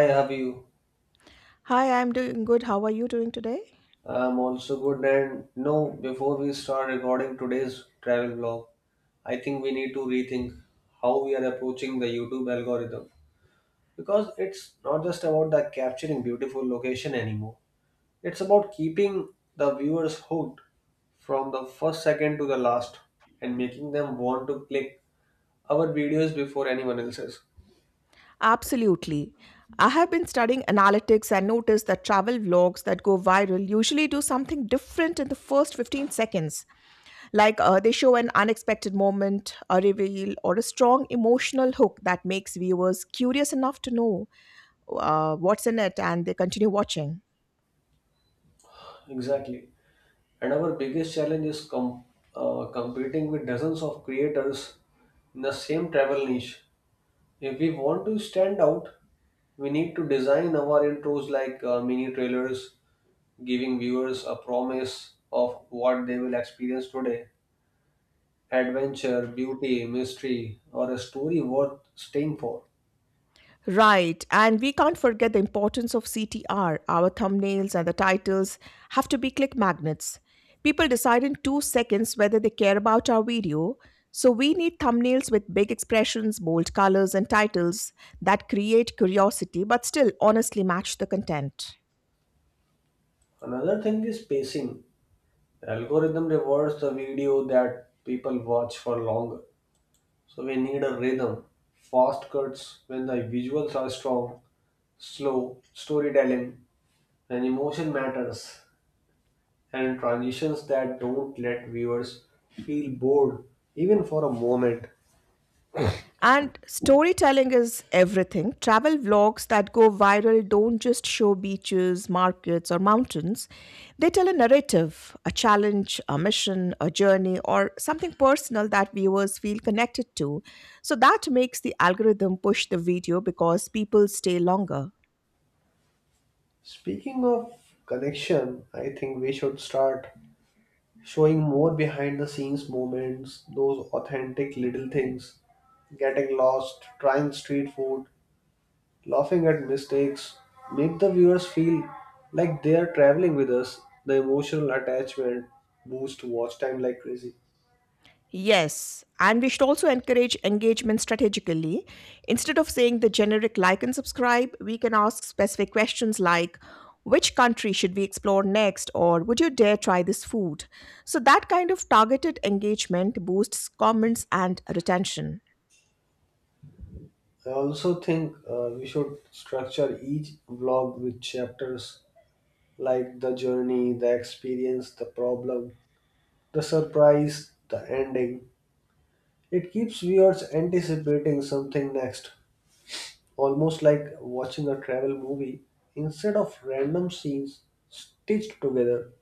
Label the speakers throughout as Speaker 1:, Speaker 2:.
Speaker 1: Hi, how are you?
Speaker 2: Hi, I'm doing good. How are you doing today?
Speaker 1: I'm also good. And no, Before we start recording today's travel vlog, I think we need to rethink how we are approaching the YouTube algorithm because it's not just about the capturing beautiful location anymore. It's about keeping the viewers hooked from the first second to the last and making them want to click our videos before anyone else's.
Speaker 2: Absolutely. I have been studying analytics and noticed that travel vlogs that go viral usually do something different in the first 15 seconds. They show an unexpected moment, a reveal, or a strong emotional hook that makes viewers curious enough to know what's in it and they continue watching.
Speaker 1: Exactly. And our biggest challenge is competing with dozens of creators in the same travel niche. If we want to stand out, we need to design our intros like mini trailers, giving viewers a promise of what they will experience today: adventure, beauty, mystery, or a story worth staying for.
Speaker 2: Right, and we can't forget the importance of CTR. Our thumbnails and the titles have to be click magnets. People decide in 2 seconds whether they care about our video, so we need thumbnails with big expressions, bold colors, and titles that create curiosity but still honestly match the content.
Speaker 1: Another thing is pacing. The algorithm rewards the video that people watch for longer. So we need a rhythm, fast cuts when the visuals are strong, slow storytelling when emotion matters, and transitions that don't let viewers feel bored even for a moment.
Speaker 2: And storytelling is everything. Travel vlogs that go viral don't just show beaches, markets, or mountains. They tell a narrative, a challenge, a mission, a journey, or something personal that viewers feel connected to. So that makes the algorithm push the video because people stay longer.
Speaker 1: Speaking of connection, I think we should start showing more behind the scenes moments. Those authentic little things, getting lost, trying street food, laughing at mistakes make the viewers feel like they are traveling with us. The emotional attachment boosts watch time like crazy.
Speaker 2: Yes, and we should also encourage engagement strategically. Instead of saying the generic like and subscribe, we can ask specific questions like which country should we explore next or would you dare try this food? So that kind of targeted engagement boosts comments and retention.
Speaker 1: I also think we should structure each vlog with chapters like the journey, the experience, the problem, the surprise, the ending. It keeps viewers anticipating something next, almost like watching a travel movie instead of random scenes stitched together.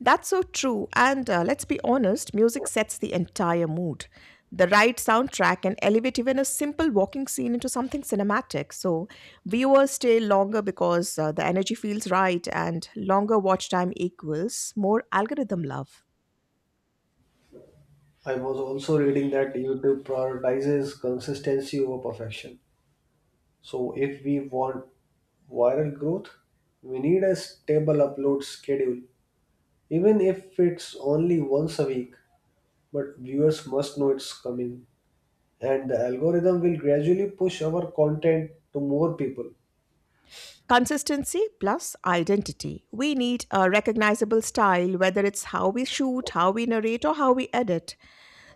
Speaker 2: That's so true. And let's be honest, music sets the entire mood. The right soundtrack can elevate even a simple walking scene into something cinematic. So, viewers stay longer because the energy feels right, and longer watch time equals more algorithm love.
Speaker 1: I was also reading that YouTube prioritizes consistency over perfection. So if we want viral growth, we need a stable upload schedule, even if it's only once a week. But viewers must know it's coming, and the algorithm will gradually push our content to more people.
Speaker 2: Consistency plus identity. We need a recognizable style, whether it's how we shoot, how we narrate, or how we edit.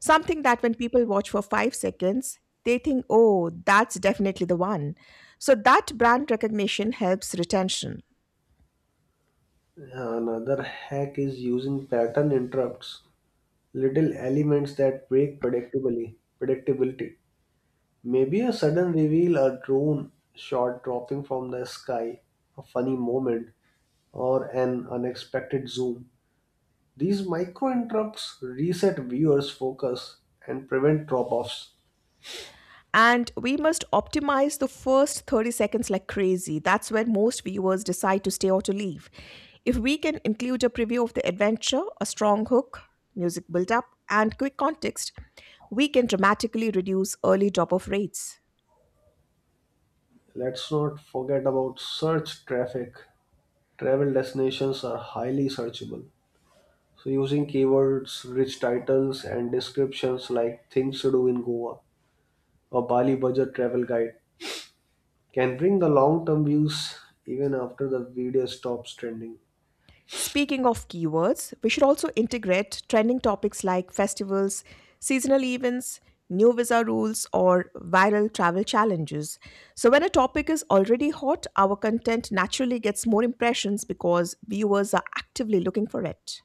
Speaker 2: Something that when people watch for 5 seconds, they think, oh, that's definitely the one. So that brand recognition helps retention.
Speaker 1: Another hack is using pattern interrupts, little elements that break predictably predictability. Maybe a sudden reveal, a drone shot dropping from the sky, a funny moment, or an unexpected zoom. These micro interrupts reset viewers' focus and prevent drop offs.
Speaker 2: And we must optimize the first 30 seconds like crazy. That's when most viewers decide to stay or to leave. If we can include a preview of the adventure, a strong hook, music build up, and quick context, we can dramatically reduce early drop off rates.
Speaker 1: Let's not forget about search traffic. Travel destinations are highly searchable. So, using keywords, rich titles, and descriptions like things to do in Goa or Bali budget travel guide can bring the long term views even after the video stops trending.
Speaker 2: Speaking of keywords, we should also integrate trending topics like festivals, seasonal events, new visa rules, or viral travel challenges. So, when a topic is already hot, our content naturally gets more impressions because viewers are actively looking for it.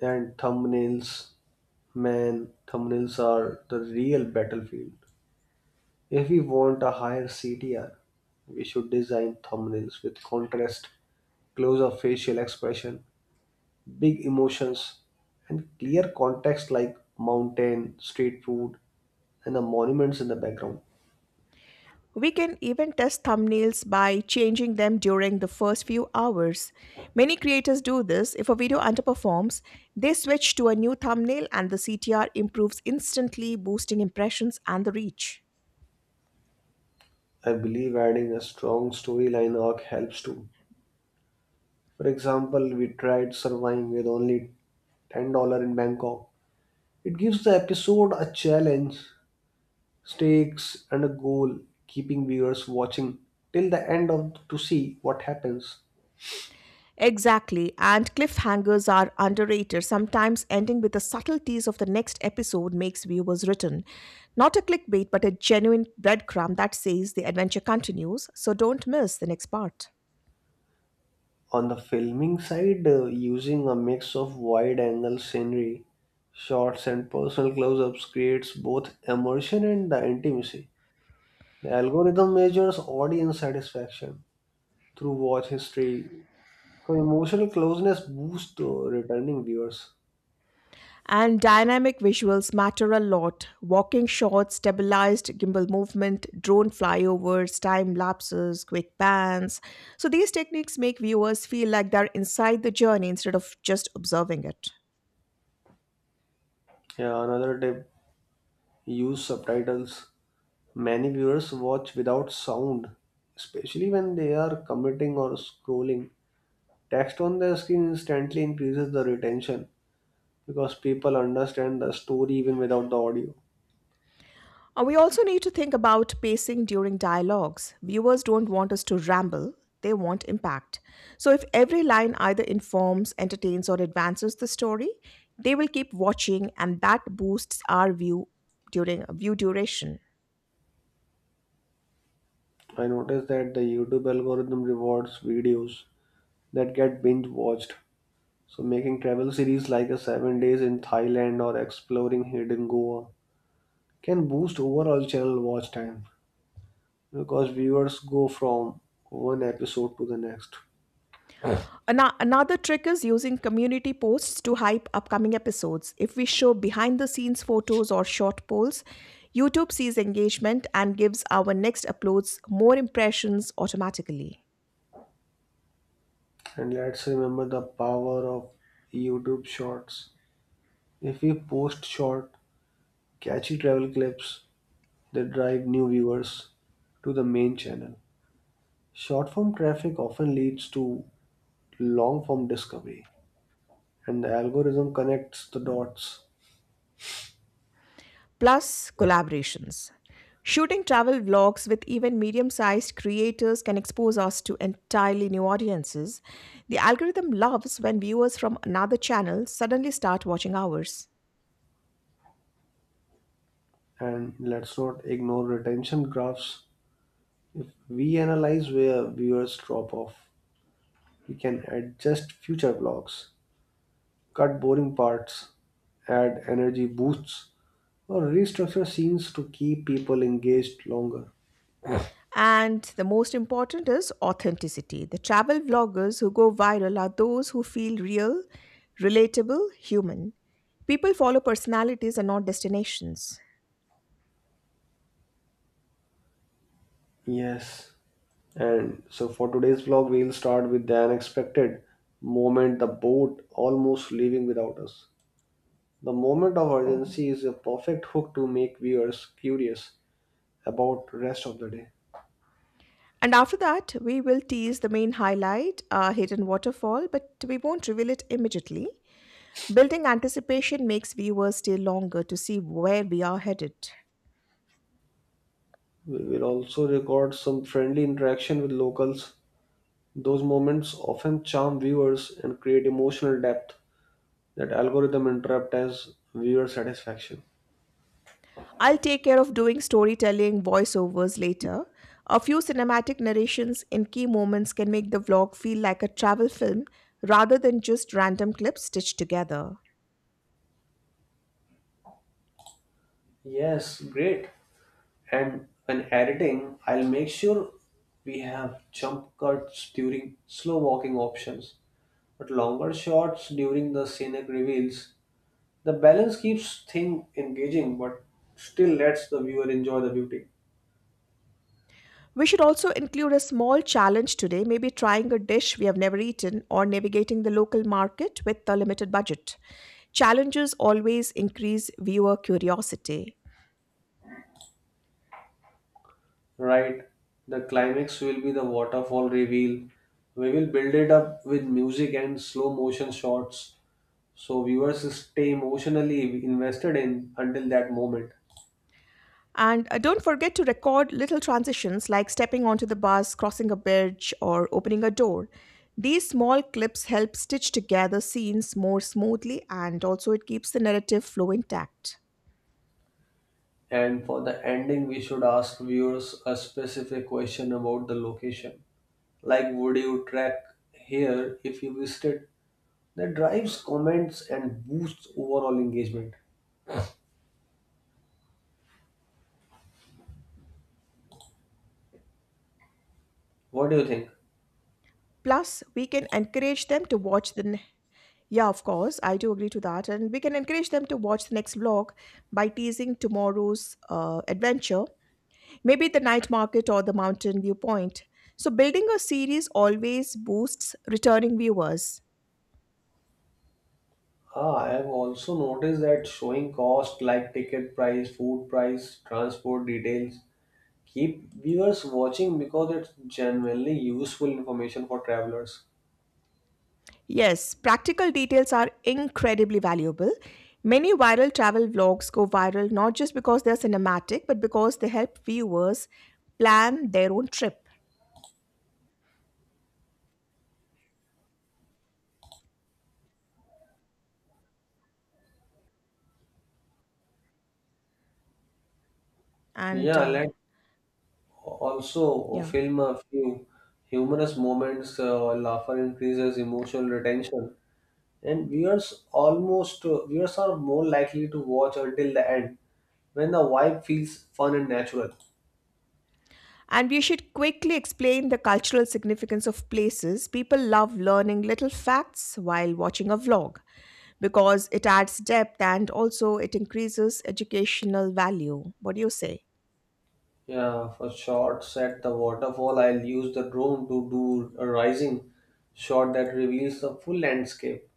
Speaker 1: And thumbnails, man, thumbnails are the real battlefield. If we want a higher CTR, we should design thumbnails with contrast, close up facial expression, big emotions, and clear context like mountain, street food, and the monuments in the background.
Speaker 2: We can even test thumbnails by changing them during the first few hours. Many creators do this. If a video underperforms, they switch to a new thumbnail and the CTR improves instantly, boosting impressions and the reach.
Speaker 1: I believe adding a strong storyline arc helps too. For example, we tried surviving with only $10 in Bangkok. It gives the episode a challenge, stakes, and a goal, keeping viewers watching till the end of to see what happens.
Speaker 2: Exactly, and cliffhangers are underrated, sometimes ending with the subtleties of the next episode makes viewers return. Not a clickbait, but a genuine breadcrumb that says the adventure continues, so don't miss the next part.
Speaker 1: On the filming side, using a mix of wide-angle scenery, shots, and personal close-ups creates both immersion and the intimacy. The algorithm measures audience satisfaction through watch history, so emotional closeness boosts returning viewers.
Speaker 2: And dynamic visuals matter a lot. Walking shots, stabilized gimbal movement, drone flyovers, time lapses, quick pans. So these techniques make viewers feel like they're inside the journey instead of just observing it.
Speaker 1: Yeah, another tip: use subtitles. Many viewers watch without sound, especially when they are commuting or scrolling. Text on their screen instantly increases the retention because people understand the story even without the audio.
Speaker 2: We also need to think about pacing during dialogues. Viewers don't want us to ramble, they want impact. So, if every line either informs, entertains, or advances the story, they will keep watching, and that boosts our view during view duration.
Speaker 1: I noticed that the YouTube algorithm rewards videos that get binge watched. So, making travel series like a 7 days in Thailand or exploring hidden Goa can boost overall channel watch time because viewers go from one episode to the next.
Speaker 2: Another trick is using community posts to hype upcoming episodes. If we show behind the scenes photos or short polls, YouTube sees engagement and gives our next uploads more impressions automatically.
Speaker 1: And let's remember the power of YouTube Shorts. If we post short, catchy travel clips that drive new viewers to the main channel, short form traffic often leads to long form discovery, and the algorithm connects the dots.
Speaker 2: Plus, collaborations. Shooting travel vlogs with even medium sized creators can expose us to entirely new audiences. The algorithm loves when viewers from another channel suddenly start watching ours.
Speaker 1: And let's not ignore retention graphs. If we analyze where viewers drop off, we can adjust future vlogs, cut boring parts, add energy boosts, or restructure scenes to keep people engaged longer.
Speaker 2: And the most important is authenticity. The travel vloggers who go viral are those who feel real, relatable, human. People follow personalities and not destinations.
Speaker 1: Yes. And so for today's vlog, we'll start with the unexpected moment, the boat almost leaving without us. The moment of urgency is a perfect hook to make viewers curious about rest of the day.
Speaker 2: And after that, we will tease the main highlight, a hidden waterfall, but we won't reveal it immediately. Building anticipation makes viewers stay longer to see where we are headed.
Speaker 1: We will also record some friendly interaction with locals. Those moments often charm viewers and create emotional depth that algorithm interrupt as viewer satisfaction.
Speaker 2: I'll take care of doing storytelling voiceovers later. A few cinematic narrations in key moments can make the vlog feel like a travel film rather than just random clips stitched together.
Speaker 1: Yes, great. And when editing, I'll make sure we have jump cuts during slow walking options, but longer shots during the scenic reveals. The balance keeps thing engaging but still lets the viewer enjoy the beauty.
Speaker 2: We should also include a small challenge today, maybe trying a dish we have never eaten or navigating the local market with a limited budget. Challenges always increase viewer curiosity.
Speaker 1: Right? The climax will be the waterfall reveal. We will build it up with music and slow motion shots so viewers stay emotionally invested in until that moment.
Speaker 2: And don't forget to record little transitions like stepping onto the bus, crossing a bridge, or opening a door. These small clips help stitch together scenes more smoothly and also it keeps the narrative flow intact.
Speaker 1: And for the ending, we should ask viewers a specific question about the location. Like, would you track here if you visited? That drives comments and boosts overall engagement. What do you think?
Speaker 2: Plus, we can encourage them to watch the. Of course, I do agree to that. And we can encourage them to watch the next vlog by teasing tomorrow's adventure, maybe the night market or the mountain viewpoint. So, building a series always boosts returning viewers.
Speaker 1: Ah, I have also noticed that showing cost like ticket price, food price, transport details keep viewers watching because it's genuinely useful information for travelers.
Speaker 2: Yes, practical details are incredibly valuable. Many viral travel vlogs go viral not just because they're cinematic, but because they help viewers plan their own trip. And
Speaker 1: Yeah, let Also,
Speaker 2: yeah,
Speaker 1: film a few humorous moments. Laughter increases emotional retention, and viewers are more likely to watch until the end when the vibe feels fun and natural.
Speaker 2: we should quickly explain the cultural significance of places. People love learning little facts while watching a vlog because it adds depth and also it increases educational value. What do you say?
Speaker 1: Yeah, for shots at the waterfall, I'll use the drone to do a rising shot that reveals the full landscape.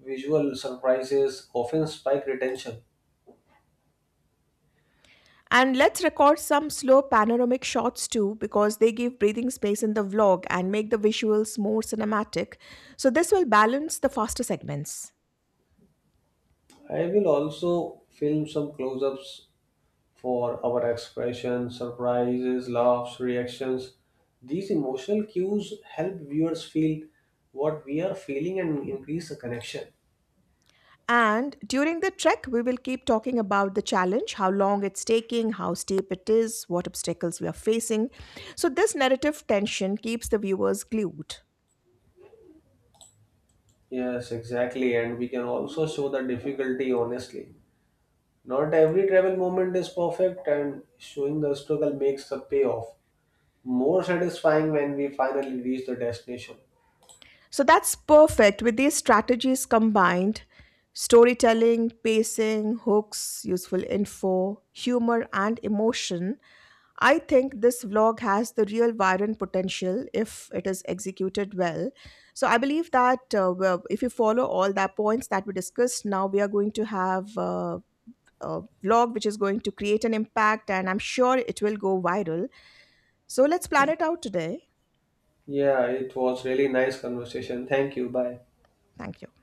Speaker 1: Visual surprises often spike retention.
Speaker 2: And let's record some slow panoramic shots too, because they give breathing space in the vlog and make the visuals more cinematic. So, this will balance the faster segments.
Speaker 1: I will also film some close ups for our expressions, surprises, laughs, reactions. These emotional cues help viewers feel what we are feeling and increase the connection.
Speaker 2: And during the trek, we will keep talking about the challenge, how long it's taking, how steep it is, what obstacles we are facing. So, this narrative tension keeps the viewers glued.
Speaker 1: Yes, exactly. And we can also show the difficulty honestly. Not every travel moment is perfect, and showing the struggle makes the payoff more satisfying when we finally reach the destination.
Speaker 2: So, that's perfect with these strategies combined storytelling, pacing, hooks, useful info, humor, and emotion I think this vlog has the real viral potential if it is executed well. So I believe that well, if you follow all the points that we discussed, now we are going to have a vlog which is going to create an impact, and I'm sure it will go viral. So let's plan it out today.
Speaker 1: Yeah, it was really nice conversation. Thank you. Bye.
Speaker 2: Thank you.